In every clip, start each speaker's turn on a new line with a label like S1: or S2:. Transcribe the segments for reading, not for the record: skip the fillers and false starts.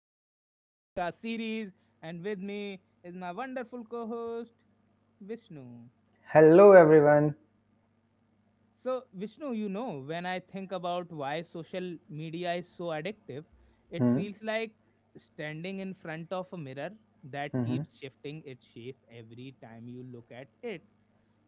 S1: back to our podcast series. And with me is my wonderful co host, Vishnu.
S2: Hello, everyone.
S1: So, Vishnu, you know, when I think about why social media is so addictive, it
S2: Hmm.
S1: feels like standing in front of a mirror that
S2: hmm
S1: keeps shifting its shape every time you look at it.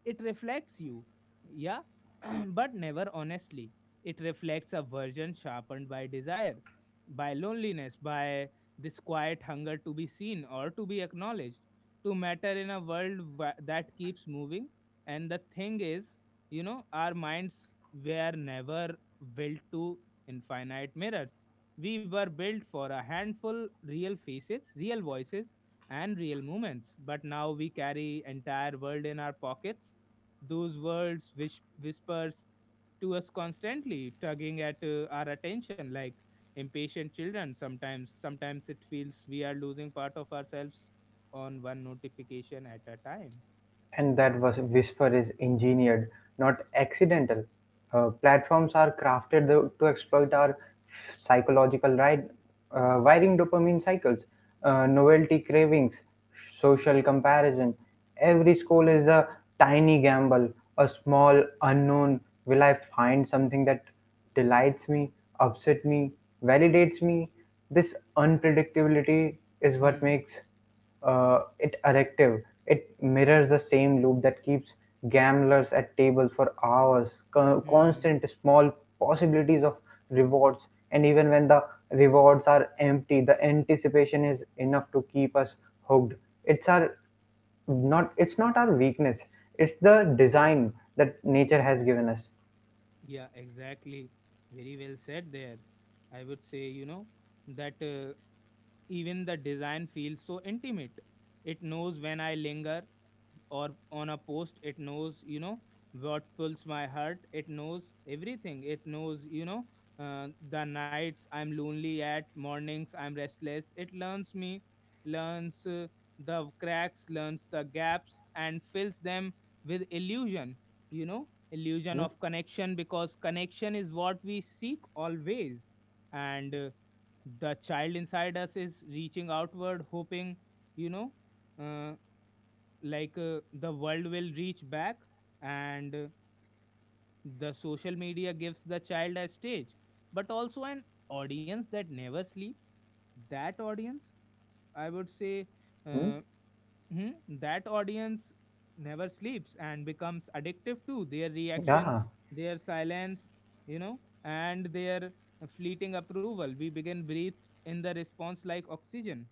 S1: It reflects you, yeah, but never honestly. It reflects a version sharpened by desire, by loneliness, by this quiet hunger to be seen or to be acknowledged, to matter in a world that keeps moving. And the thing is, you know, our minds were never built to infinite mirrors. We were built for a handful real faces, real voices, and real moments. But now we carry entire world in our pockets, those words whispers to us constantly, tugging at our attention like impatient children. Sometimes it feels we are losing part of ourselves on one notification at a time.
S2: And that was whisper is engineered, not accidental. Platforms are crafted to exploit our psychological right, wiring, dopamine cycles, novelty cravings, social comparison. Every scroll is a tiny gamble, a small unknown. Will I find something that delights me, upset me, validates me? This unpredictability is what
S1: Hmm.
S2: makes it addictive. It mirrors the same loop that keeps gamblers at tables for hours.
S1: Hmm.
S2: Constant small possibilities of rewards, and even when the rewards are empty, the anticipation is enough to keep us hooked. It's our not. It's not our weakness. It's the design that nature has given us.
S1: Yeah, exactly. Very well said there. I would say, you know, that even the design feels so intimate. It knows when I linger or on a post. It knows, you know, what pulls my heart. It knows everything. It knows, you know, the nights I'm lonely at, mornings I'm restless. It learns me, learns the cracks, learns the gaps, and fills them with illusion, you know, illusion
S2: Hmm?
S1: of connection because connection is what we seek always. And The child inside us is reaching outward, hoping, you know, uh, the world will reach back, and the social media gives the child a stage but also an audience that never sleeps. That audience, I would say,
S2: Hmm?
S1: uh, that audience never sleeps, and becomes addictive to their reaction,
S2: Yeah.
S1: their silence, you know, and their fleeting approval. We begin breathe in the response like oxygen.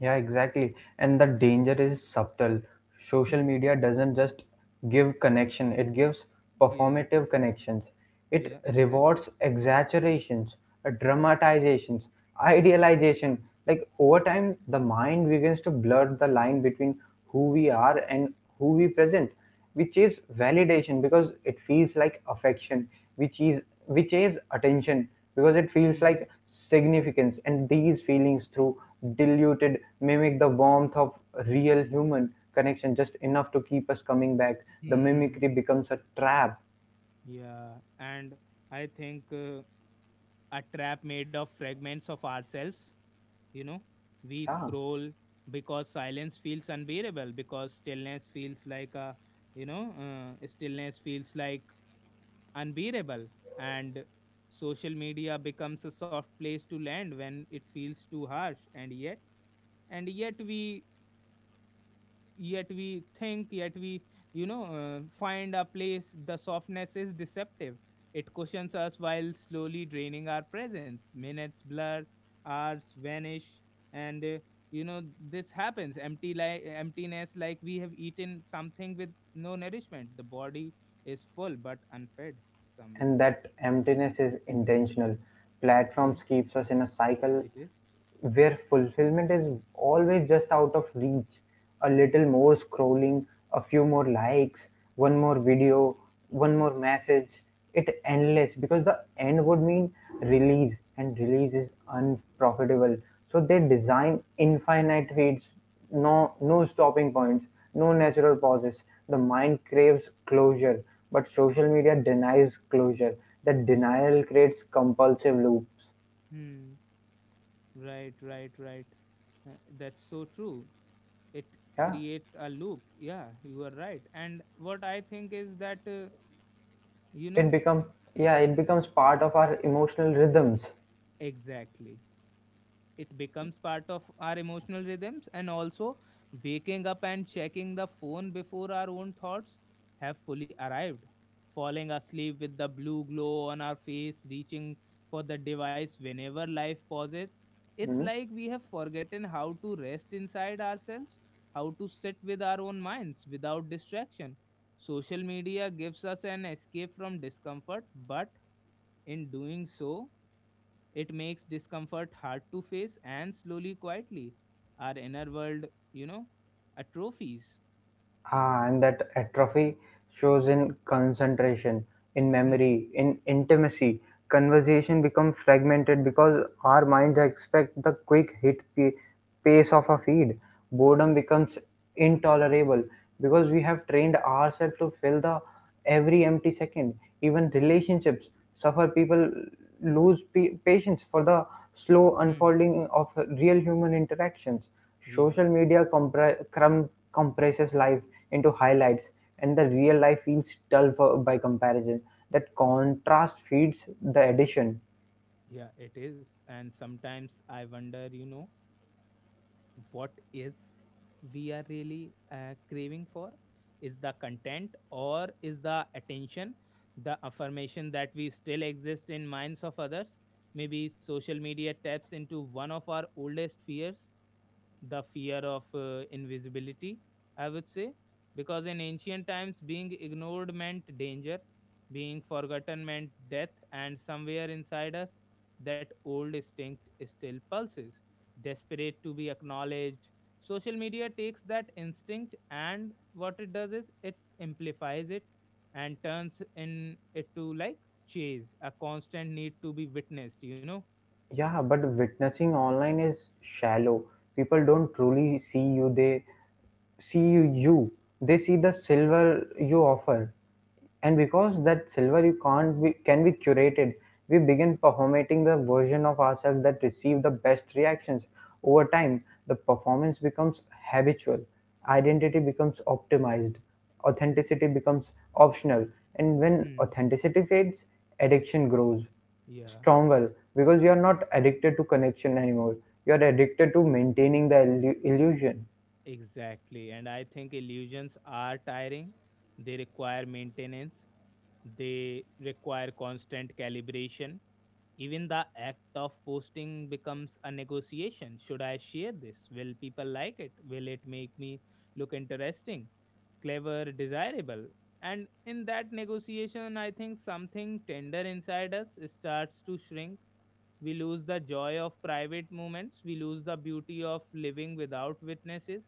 S2: Yeah, exactly. And the danger is subtle. Social
S1: Hmm.
S2: media doesn't just give connection, it gives
S1: Yeah.
S2: performative connections. It
S1: Yeah. Exactly.
S2: rewards exaggerations, dramatizations, idealization. Like over time, the mind begins to blur the line between who we are and who we present, which is validation because it feels like affection, which is which is attention because it feels
S1: Hmm.
S2: like significance, and these feelings through diluted mimic the warmth of real human connection just enough to keep us coming back. The
S1: Hmm.
S2: mimicry becomes a trap.
S1: Yeah. And I think a trap made of fragments of ourselves. You know, we
S2: Yeah,
S1: scroll because silence feels unbearable. Because stillness feels like a, stillness feels like unbearable. And social media becomes a soft place to land when it feels too harsh. And yet we think yet we find a place. The softness is deceptive. It cushions us while slowly draining our presence. Minutes blur, hours vanish, and uh, you know, this happens empty like emptiness, like we have eaten something with no nourishment. The body is full but unfed somewhere.
S2: and that emptiness is intentional.
S1: Yeah,
S2: Platforms keeps us in a cycle
S1: it is.
S2: where fulfillment is always just out of reach: a little
S1: Exact.
S2: more scrolling, a few more likes, one more video, one more message. It endless, because the end would mean release, and release is unprofitable. So they design infinite feeds, no, no stopping points, no natural pauses. The mind craves closure, but social media denies closure. That denial creates compulsive loops.
S1: Hmm. Right. Uh, that's so true. It
S2: Yeah,
S1: creates a loop. Yeah, you are right. And what I think is that uh, you
S2: it
S1: know
S2: becomes yeah, it becomes part of our emotional rhythms.
S1: exactly, it becomes part of our emotional rhythms. And also, waking up and checking the phone before our own thoughts have fully arrived, falling asleep with the blue glow on our face, reaching for the device whenever life pauses, it's
S2: Hmm?
S1: like we have forgotten how to rest inside ourselves, how to sit with our own minds without distraction. Social media gives us an escape from discomfort, but in doing so it makes discomfort hard to face, and slowly, quietly, our inner world, you know, atrophies.
S2: Ah, and that atrophy shows in concentration, in
S1: Hmm.
S2: memory, in intimacy. Conversation becomes fragmented because our minds expect the quick hit pace of a feed. Boredom becomes intolerable because we have trained ourselves to fill the every empty second. Even relationships suffer. People lose patience for the slow
S1: Hmm.
S2: unfolding of real human interactions.
S1: Yeah.
S2: Social media compresses life into highlights, and the real life feels dull for, by comparison. That
S1: Yeah.
S2: contrast feeds the addition.
S1: Yeah. It is. And sometimes I wonder, you know, what is we are really craving for, is the content or is the attention, the affirmation that we still exist in minds of others. Maybe social media taps into one of our oldest fears, the fear of invisibility, I would say, because in ancient times, being ignored meant danger, being forgotten meant death, and somewhere inside us, that old instinct still pulses, desperate to be acknowledged. Social media takes that instinct and what it does is it amplifies it and turns in it to like chase, a constant need to be witnessed, you know?
S2: Yeah, but witnessing online is shallow. People don't truly see you, they you. They see the silver you offer. And because that silver you can't be can be curated, we begin performating the version of ourselves that receive the best reactions. Over time, the performance becomes habitual, identity becomes optimized, authenticity becomes optional, and when
S1: Hmm.
S2: authenticity fades, addiction grows.
S1: Yeah,
S2: Stromwell, because you're not addicted to connection anymore, you're addicted to maintaining the illusion.
S1: exactly. And I think illusions are tiring. They require maintenance. They require constant calibration. Even the act of posting becomes a negotiation. Should I share this? Will people like it? Will it make me look interesting? Clever, desirable. And in that negotiation, I think something tender inside us starts to shrink. We lose the joy of private moments, we lose the beauty of living without witnesses.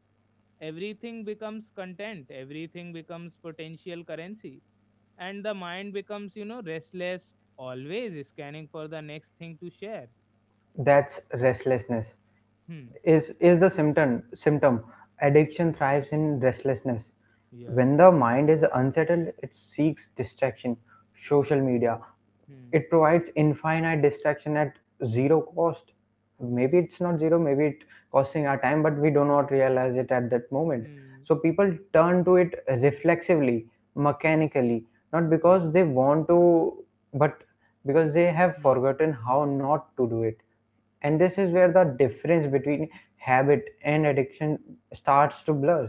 S1: Everything becomes content, everything becomes potential currency. And the mind becomes, you know, restless, always scanning for the next thing to share.
S2: That's restlessness.
S1: Hmm.
S2: Is the symptom. Addiction thrives in restlessness.
S1: Yeah.
S2: When the mind is unsettled it seeks distraction. Social media,
S1: Hmm.
S2: it provides infinite distraction at zero cost. Maybe it's not zero, maybe it costing our time but we do not realize it at that moment.
S1: Hmm.
S2: So people turn to it reflexively, mechanically, not because
S1: Yeah.
S2: they want to, but because they have
S1: Hmm.
S2: forgotten how not to do it. And this is where the difference between habit and addiction starts to blur.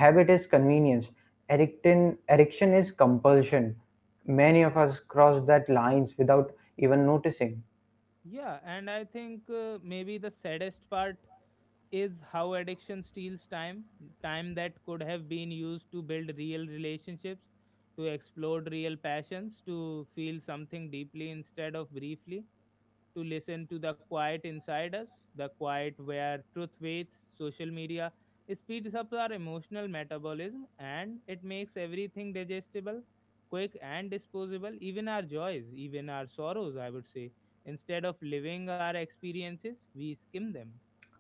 S2: Habit is convenience, addiction is compulsion. Many of us cross that lines without even noticing.
S1: Yeah, and I think maybe the saddest part is how addiction steals time, time that could have been used to build real relationships, to explore real passions, to feel something deeply instead of briefly, to listen to the quiet inside us, the quiet where truth waits. Social media speeds up our emotional metabolism and it makes everything digestible, quick and disposable, even our joys, even our sorrows, I would say. Instead of living our experiences we skim them.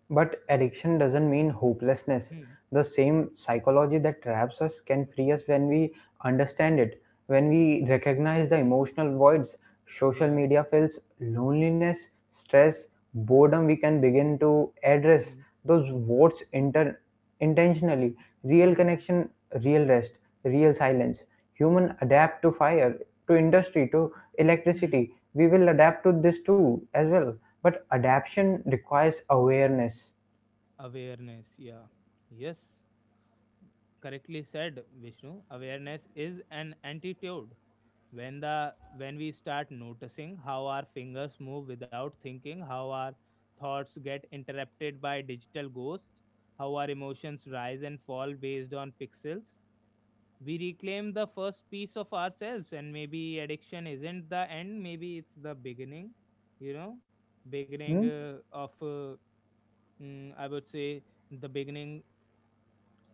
S2: But addiction doesn't mean hopelessness.
S1: Hmm.
S2: The same psychology that traps us can free us when we understand it, when we recognize the emotional voids social
S1: Yeah.
S2: media fills, loneliness, stress, boredom, we can begin to address
S1: Hmm.
S2: those voids intentionally, real
S1: Hmm.
S2: connection, real rest, real silence. Human adapt to fire, to industry, to
S1: Hmm.
S2: electricity. We will adapt to this too as well. But adaptation requires awareness.
S1: Awareness. Yeah. Yes. Correctly said, Vishnu. Awareness is an antidote. When we start noticing how our fingers move without thinking, how our thoughts get interrupted by digital ghosts, how our emotions rise and fall based on pixels, we reclaim the first piece of ourselves. And maybe addiction isn't the end. Maybe it's the beginning. You know, beginning
S2: Hmm?
S1: uh, of uh, I would say the beginning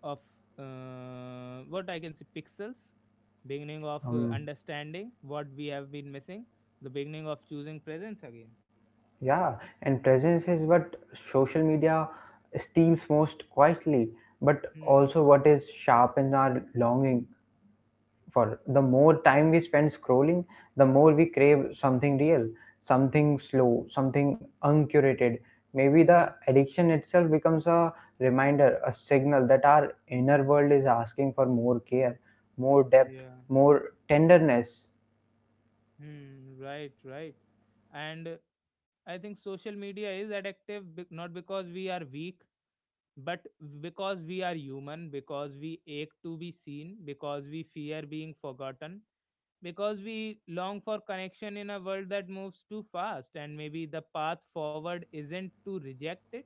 S1: of, what I can say, pixels, beginning of
S2: Um,
S1: understanding what we have been missing, the beginning of choosing presence again.
S2: yeah, and presence is what social media steals most quietly, but
S1: Hmm.
S2: also what is sharpens our longing. For the more time we spend scrolling, the more we crave something real, something slow, something uncurated. Maybe the
S1: Hmm.
S2: addiction itself becomes a reminder, a signal that our inner world is asking for more care, more depth,
S1: Yeah.
S2: more tenderness.
S1: Hmm. Right. Right. And I think social media is addictive not because we are weak, but because we are human, because we ache to be seen, because we fear being forgotten, because we long for connection in a world that moves too fast. And maybe the path forward isn't to reject it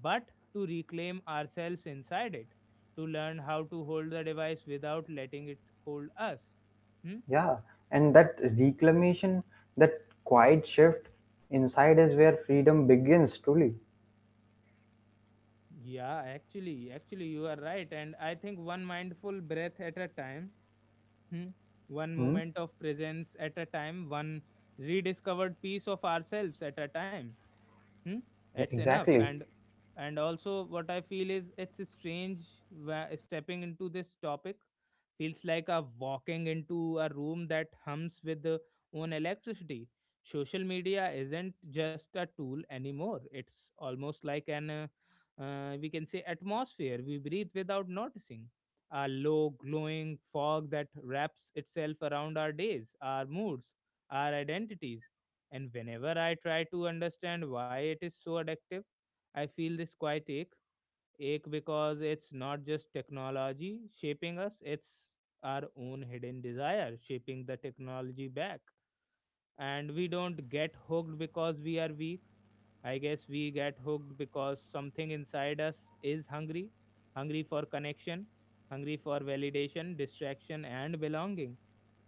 S1: but to reclaim ourselves inside it, to learn how to hold the device without letting it hold us. Hmm?
S2: Yeah, and that reclamation, that quiet shift inside is where freedom begins truly.
S1: Yeah, actually you are right. And I think one mindful breath at a time, hmm, one
S2: Hmm?
S1: moment of presence at a time, one rediscovered piece of ourselves at a time, hmm,
S2: Yeah,
S1: it's enough.
S2: exactly.
S1: And also what I feel is it's strange where stepping into this topic feels like a walking into a room that hums with the own electricity. Social media isn't just a tool anymore. It's almost like an we can say atmosphere we breathe without noticing, a low glowing fog that wraps itself around our days, our moods, our identities. And whenever I try to understand why it is so addictive, I feel this quiet ache, ache because it's not just technology shaping us, it's our own hidden desire shaping the technology back. And we don't get hooked because we are weak. I guess we get hooked because something inside us is hungry, hungry for connection, hungry for validation, distraction, and belonging.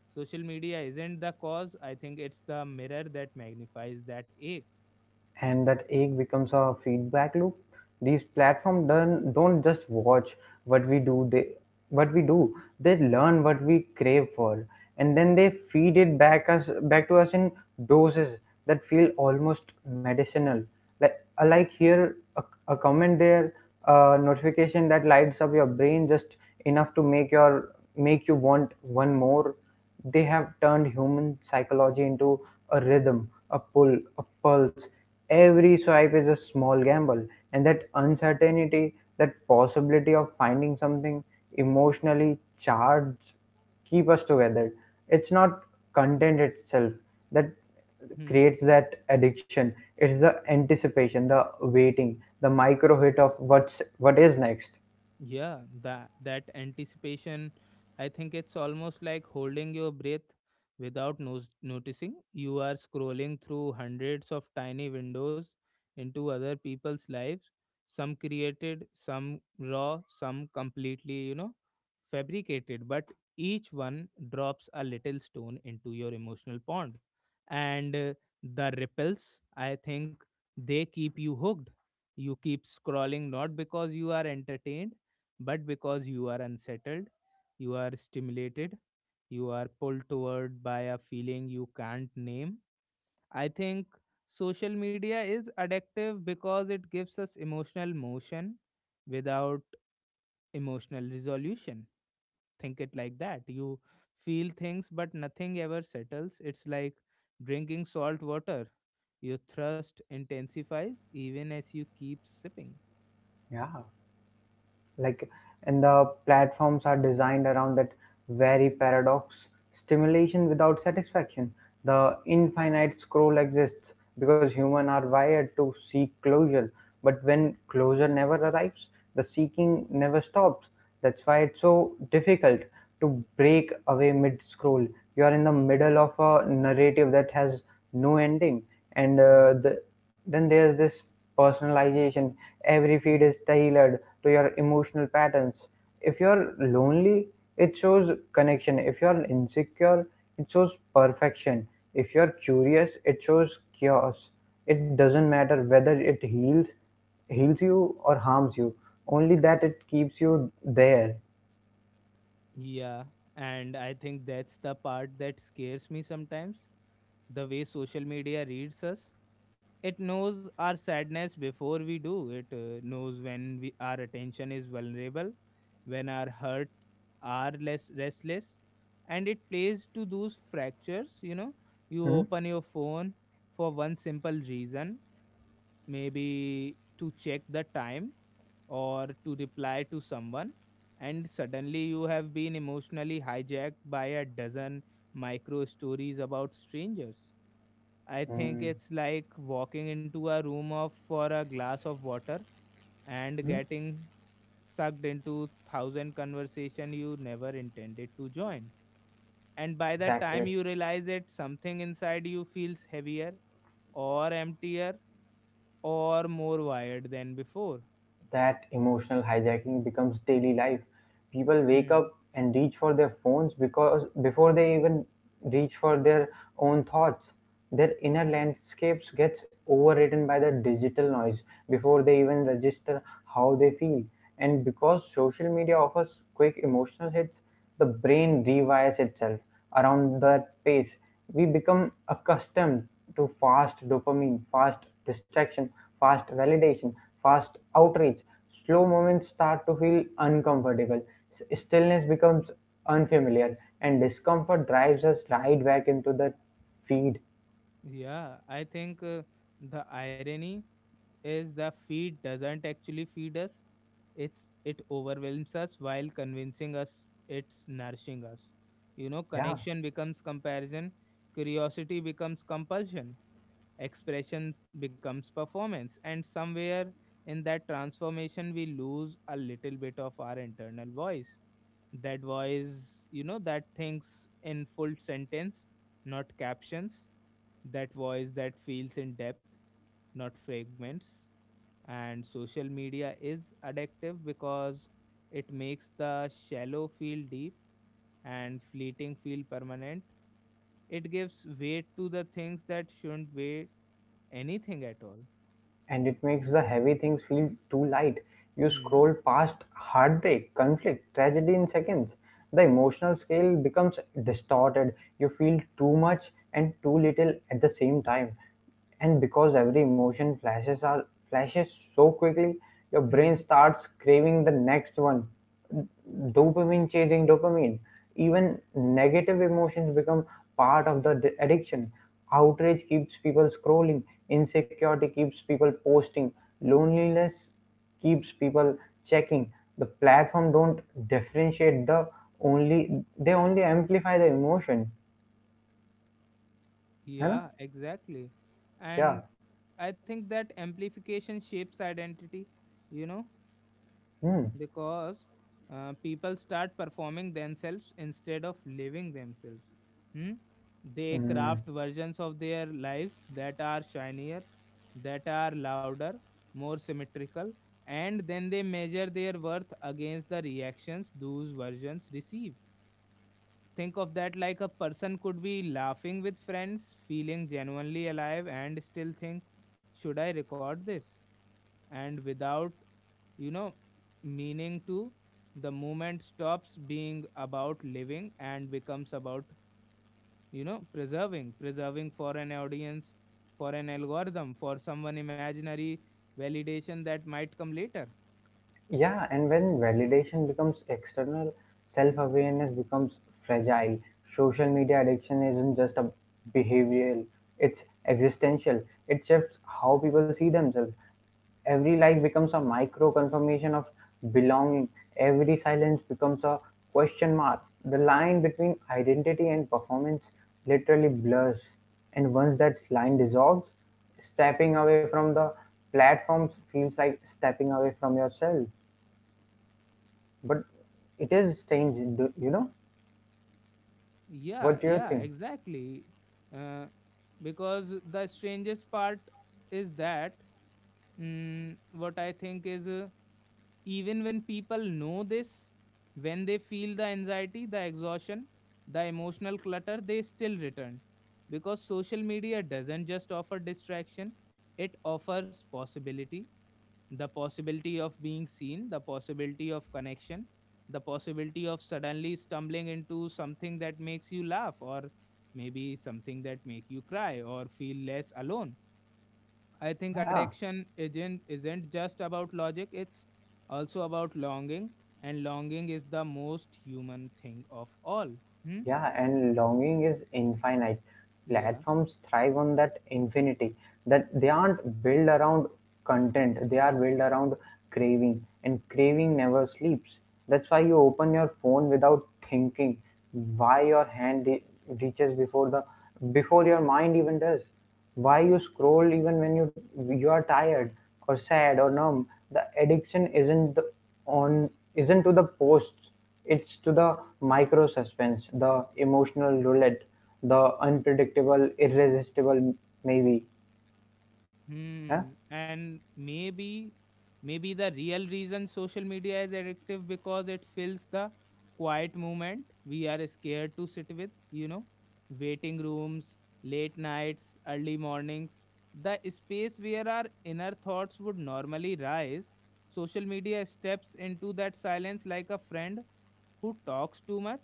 S1: Social media isn't the cause, I think it's the mirror that magnifies that ache.
S2: And that egg becomes a feedback loop. These platforms don't just watch what we do they what we do, they learn what we crave for, and then they feed it back to us in doses that feel almost medicinal. Like here a comment there, a notification that lights up your brain just enough to make you want one more. They have turned human psychology into a rhythm, a pull, a pulse. Every swipe is a small gamble, and that uncertainty, that possibility of finding something emotionally charged, keep us together. It's not content itself that
S1: Hmm.
S2: creates that addiction, it's the anticipation, the waiting, the micro hit of what is next.
S1: Yeah, that anticipation, I think it's almost like holding your breath without noticing. You are scrolling through hundreds of tiny windows into other people's lives, some created, some raw, some completely, you know, fabricated, but each one drops a little stone into your emotional pond. And the ripples, I think they keep you hooked. You keep scrolling not because you are entertained but because you are unsettled, you are stimulated, you are pulled toward by a feeling you can't name. I think social media is addictive because it gives us emotional motion without emotional resolution. Think it like that. You feel things, but nothing ever settles. It's like drinking salt water. Your thirst intensifies even as you keep sipping.
S2: Yeah, like, and the platforms are designed around that very paradox: stimulation without satisfaction. The infinite scroll exists because humans are wired to seek closure, but when closure never arrives, the seeking never stops. That's why it's so difficult to break away mid scroll. You are in the
S1: Hmm.
S2: middle of a narrative that has no ending. and
S1: Yeah.
S2: uh, the then there's this personalization. Every feed is tailored to your emotional patterns. If you're lonely, it shows connection. If you're insecure, it shows perfection. If you're curious, it shows chaos. It doesn't matter whether it heals you or harms you. Only that it keeps you there.
S1: Yeah, and I think that's the part that scares me sometimes. The way social media reads us, it knows our sadness before we do. It knows when we, our attention is vulnerable, when our hurt are less restless, and it plays to those fractures. You know, you
S2: Hmm?
S1: open your phone for one simple reason, maybe to check the time or to reply to someone, and suddenly you have been emotionally hijacked by a dozen micro stories about strangers. I think
S2: Hmm.
S1: it's like walking into a room of for a glass of water and
S2: Hmm?
S1: getting sucked into thousand conversation you never intended to join, and by the time
S2: Exactly.
S1: you realize it something inside you feels heavier or emptier or more wired than before.
S2: That emotional hijacking becomes daily life. People wake up
S1: Hmm.
S2: and reach for their phones because before they even reach for their own thoughts, their inner landscapes gets overridden by the digital noise before they even register how they feel. And because social media offers quick emotional hits, the brain rewires itself around that pace. We become accustomed to fast dopamine, fast distraction, fast validation, fast outreach. Slow moments start to feel uncomfortable. Stillness becomes unfamiliar, and discomfort drives us right back into the feed.
S1: Yeah, I think the irony is the feed doesn't actually feed us. It's it overwhelms us while convincing us it's nourishing us. You know,
S2: Yeah,
S1: connection becomes comparison, curiosity becomes compulsion, expression becomes performance, and somewhere in that transformation we lose a little bit of our internal voice. That voice, you know, that thinks in full sentence, not captions. That voice that feels in depth, not fragments. And social media is addictive because it makes the shallow feel deep and fleeting feel permanent. It gives weight to the things that shouldn't weigh anything at all.
S2: and it makes the heavy things feel too light. You
S1: Hmm.
S2: scroll past heartbreak, conflict, tragedy in seconds. The emotional scale becomes distorted. You feel too much and too little at the same time. And because every emotion flashes are flashes so quickly, your brain
S1: Hmm.
S2: starts craving the next one, dopamine chasing dopamine. Even negative emotions become part of the addiction. Outrage keeps people scrolling, insecurity keeps people posting, loneliness keeps people checking. The platform don't differentiate the only they only amplify the emotion. है ना?
S1: Yeah, exactly.
S2: yeah
S1: And I think that amplification shapes identity, you know,
S2: hmm.
S1: because people start performing themselves instead of living themselves. Hmm? They
S2: Hmm.
S1: craft versions of their lives that are shinier, that are louder, more symmetrical, and then they measure their worth against the reactions those versions receive. Think of that like a person could be laughing with friends, feeling genuinely alive, and still think, should I record this? And without, you know, meaning to. The movement stops being about living and becomes about, you know, preserving, preserving for an audience, for an algorithm, for someone imaginary validation that might come later.
S2: Yeah, and when validation becomes external, self awareness becomes fragile. Social media addiction isn't just a behavioral, it's existential. It shifts how people see themselves. Every like becomes a micro confirmation of belonging, every silence becomes a question mark. The line between identity and performance literally blurs. And once that line dissolves, stepping away from the platforms feels like stepping away from yourself. But it is strange, you know?
S1: Yeah,
S2: What do you
S1: yeah,
S2: think?
S1: exactly. Uh, because the strangest part is that, what I think is. Even when people know this, when they feel the anxiety, the exhaustion, the emotional clutter, they still return, because social media doesn't just offer distraction, it offers possibility. The possibility of being seen, the possibility of connection, the possibility of suddenly stumbling into something that makes you laugh, or maybe something that make you cry or feel less alone. I think
S2: Yeah.
S1: addiction isn't just about logic, it's also about longing, and longing is the most human thing of all. Hmm?
S2: Yeah, and longing is infinite.
S1: Yeah.
S2: Platforms thrive on that infinity. That they aren't built around content, they are built around craving, and craving never sleeps. That's why you open your phone without thinking, why your hand reaches before the before your mind even does. Why you scroll even when you are tired or sad or numb. The addiction isn't to the posts, it's to the micro-suspense, the emotional roulette, the unpredictable, irresistible maybe. Huh?
S1: Hmm. And maybe, maybe the real reason social media is addictive because it fills the quiet moment we are scared to sit with, you know, waiting rooms, late nights, early mornings, the space where our inner thoughts would normally rise. Social media steps into that silence like a friend who talks too much,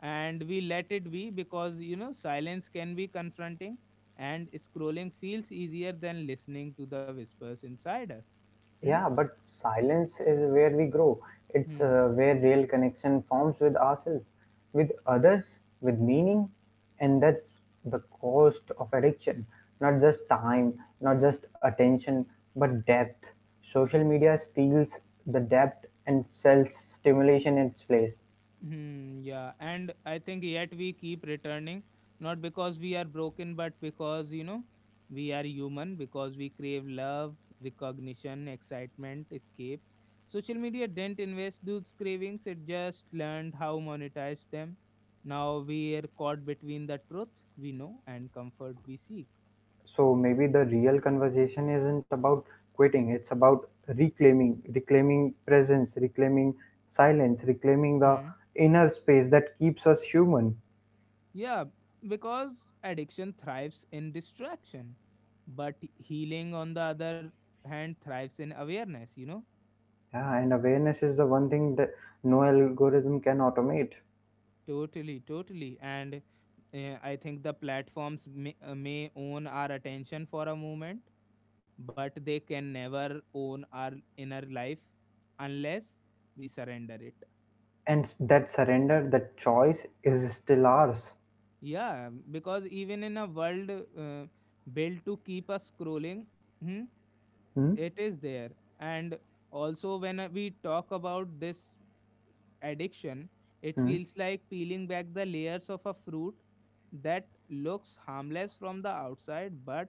S1: and we let it be because, you know, silence can be confronting and scrolling feels easier than listening to the whispers inside us. Hmm?
S2: Yeah, but silence is where we grow. It's
S1: Hmm.
S2: uh, where real connection forms with ourselves, with others, with meaning. And that's the cost of addiction. Not just time, not just attention, but depth. Social media steals the depth and sells stimulation in its place.
S1: Hmm, yeah, and I think yet we keep returning, not because we are broken, but because, you know, we are human, because we crave love, recognition, excitement, escape. Social media didn't invest those cravings, it just learned how monetize them. Now we are caught between the truth we know and comfort we seek.
S2: So maybe the real conversation isn't about quitting, it's about reclaiming, reclaiming presence, reclaiming silence, reclaiming the
S1: Hmm.
S2: inner space that keeps us human.
S1: Yeah, because addiction thrives in distraction, but healing, on the other hand, thrives in awareness, you know.
S2: Yeah, and awareness is the one thing that no algorithm can automate.
S1: Totally, totally. And I think the platforms may own our attention for a moment, but they can never own our inner life unless we surrender it. Hmm?
S2: And that surrender, that choice is still ours.
S1: Yeah, because even in a world built to keep us scrolling, hmm,
S2: Hmm?
S1: it is there. And also, when we talk about this addiction, it
S2: Hmm?
S1: feels like peeling back the layers of a fruit that looks harmless from the outside but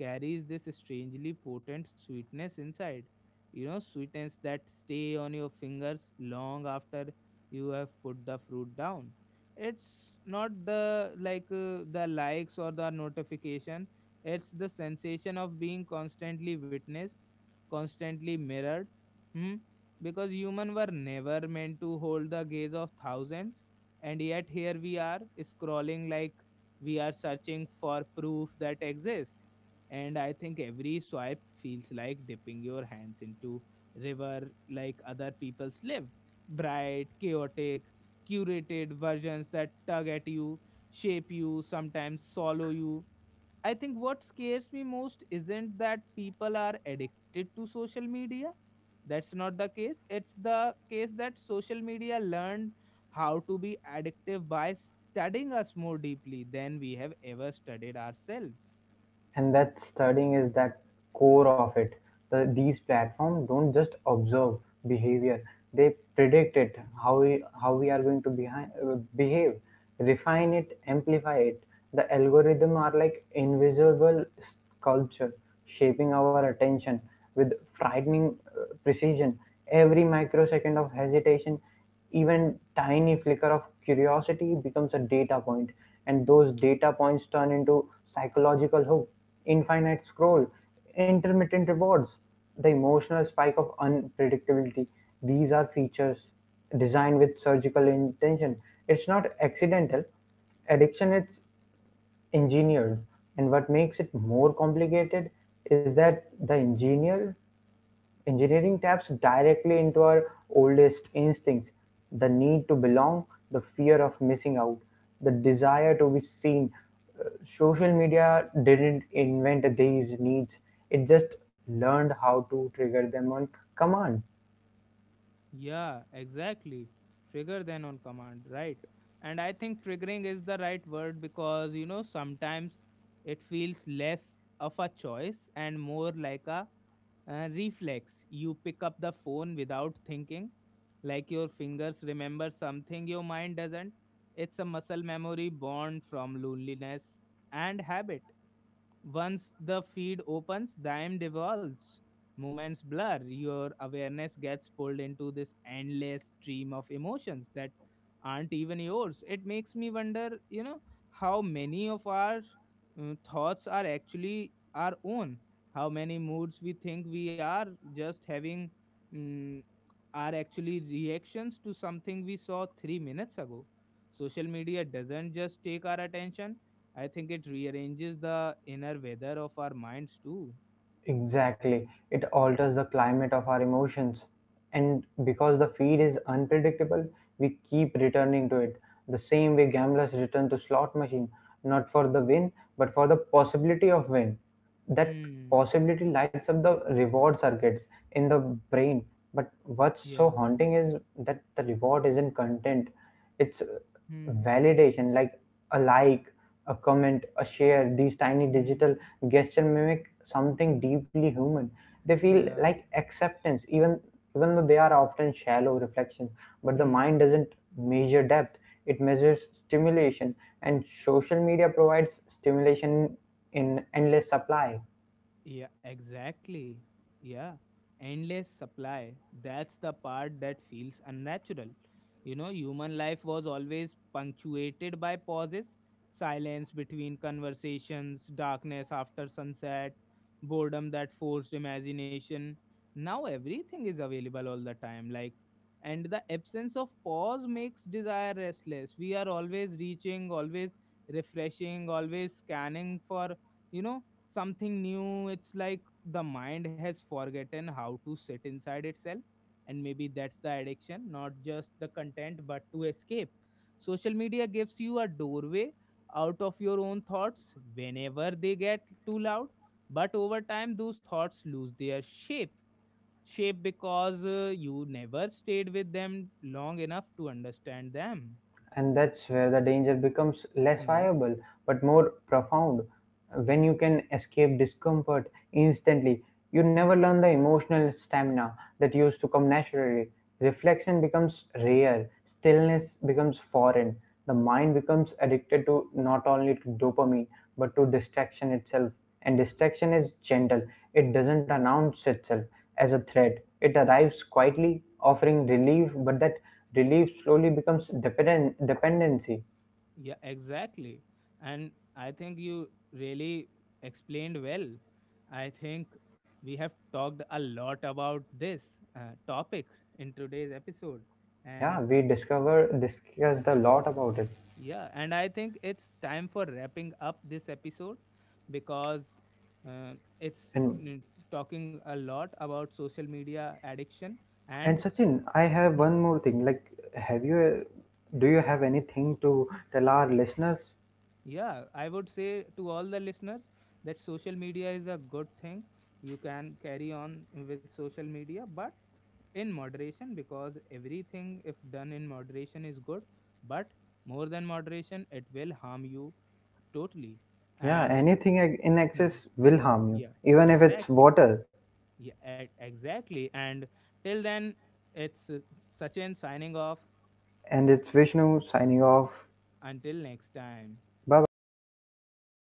S1: carries this strangely potent sweetness inside. You know, sweetness that stay on your fingers long after you have put the fruit down. It's not the like the likes or the notification. It's the sensation of being constantly witnessed, constantly mirrored. Hmm. Because humans were never meant to hold the gaze of thousands, and yet here we are, scrolling like we are searching for proof that exists. And I think every swipe feels like dipping your hands into river, like other people's live, bright, chaotic, curated versions that tug at you, shape you, sometimes swallow you. I think what scares me most isn't that people are addicted to social media. That's not the case. It's the case that social media learned how to be addictive by studying us more deeply than we have ever studied ourselves.
S2: And that studying is that core of it. These platforms don't just observe behavior, they predict it. How we are going to behave, refine it, amplify it. The algorithm are like invisible sculpture shaping our attention with frightening precision. Every microsecond of hesitation, even tiny flicker of curiosity becomes a data point, and those data points turn into psychological hook, infinite scroll, intermittent rewards, the emotional spike of unpredictability. These are features designed with surgical intention. It's not accidental. Addiction is engineered, and what makes it more complicated is that the engineering taps directly into our oldest instincts, the need to belong, the fear of missing out, the desire to be seen. Social media didn't invent these needs, it just learned how to trigger them on command.
S1: Yeah, exactly. Trigger then on command, right? And I think triggering is the right word because, you know, sometimes it feels less of a choice and more like a reflex. You pick up the phone without thinking, like your fingers remember something your mind doesn't. It's a muscle memory born from loneliness and habit. Once the feed opens, time devolves, moments blur, your awareness gets pulled into this endless stream of emotions that aren't even yours. It makes me wonder, you know, how many of our thoughts are actually our own, how many moods we think we are just having, mm, are actually reactions to something we saw 3 minutes ago. Social media doesn't just take our attention, I think it rearranges the inner weather of our minds too.
S2: Exactly. It alters the climate of our emotions. And because the feed is unpredictable, we keep returning to it. The same way gamblers return to slot machine, not for the win, but for the possibility of win. That
S1: Hmm.
S2: possibility lights up the reward circuits in the brain. But what's so
S1: Yeah.
S2: haunting is that the reward isn't content. It's
S1: Hmm.
S2: validation, like a like, a comment, a share. These tiny
S1: Hmm.
S2: digital gestures mimic something deeply human. They feel
S1: Yeah.
S2: like acceptance, even even though they are often shallow reflections. But the
S1: Hmm.
S2: mind doesn't measure depth; it measures stimulation, and social media provides stimulation in endless supply.
S1: Yeah, exactly. Yeah. Endless supply. That's the part that feels unnatural. You know, human life was always punctuated by pauses, silence between conversations, darkness after sunset, boredom that forced imagination. Now everything is available all the time. Like, and the absence of pause makes desire restless. We are always reaching, always refreshing, always scanning for, you know, something new. It's like the mind has forgotten how to sit inside itself, and maybe that's the addiction, not just the content but to escape. Social media gives you a doorway out of your own thoughts whenever they get too loud, but over time those thoughts lose their shape, shape because you never stayed with them long enough to understand them.
S2: And that's where the danger becomes less
S1: Hmm.
S2: viable but more profound. When you can escape discomfort instantly, you never learn the emotional stamina that used to come naturally. Reflection becomes rare, stillness becomes foreign. The mind becomes addicted to not only to dopamine but to distraction itself. And distraction is gentle, it doesn't announce itself as a threat. It arrives quietly offering relief, but that relief slowly becomes dependent dependency.
S1: Yeah, exactly. And I think you really explained well. I think we have talked a lot about this topic in today's episode.
S2: Yeah,
S1: And
S2: we discover discussed a lot about it.
S1: yeah, and I think it's time for wrapping up this episode because uh, it's,
S2: and
S1: mm, talking a lot about social media addiction
S2: and
S1: and.
S2: Sachin,
S1: uh,
S2: I have
S1: Hmm.
S2: one more thing, like, have you do you have anything to tell our listeners?
S1: Yeah, I would say to all the listeners that social media is a good thing. You can carry on with social media, but in moderation because everything, if done in moderation, is good. But more than moderation, it will harm you totally.
S2: Yeah,
S1: And
S2: anything in
S1: hmm,
S2: excess will harm you,
S1: yeah,
S2: even if it's
S1: exactly.
S2: water.
S1: Yeah, exactly. And till then, it's Sachin signing off.
S2: And it's Vishnu signing off.
S1: Until next time.
S2: Bye bye.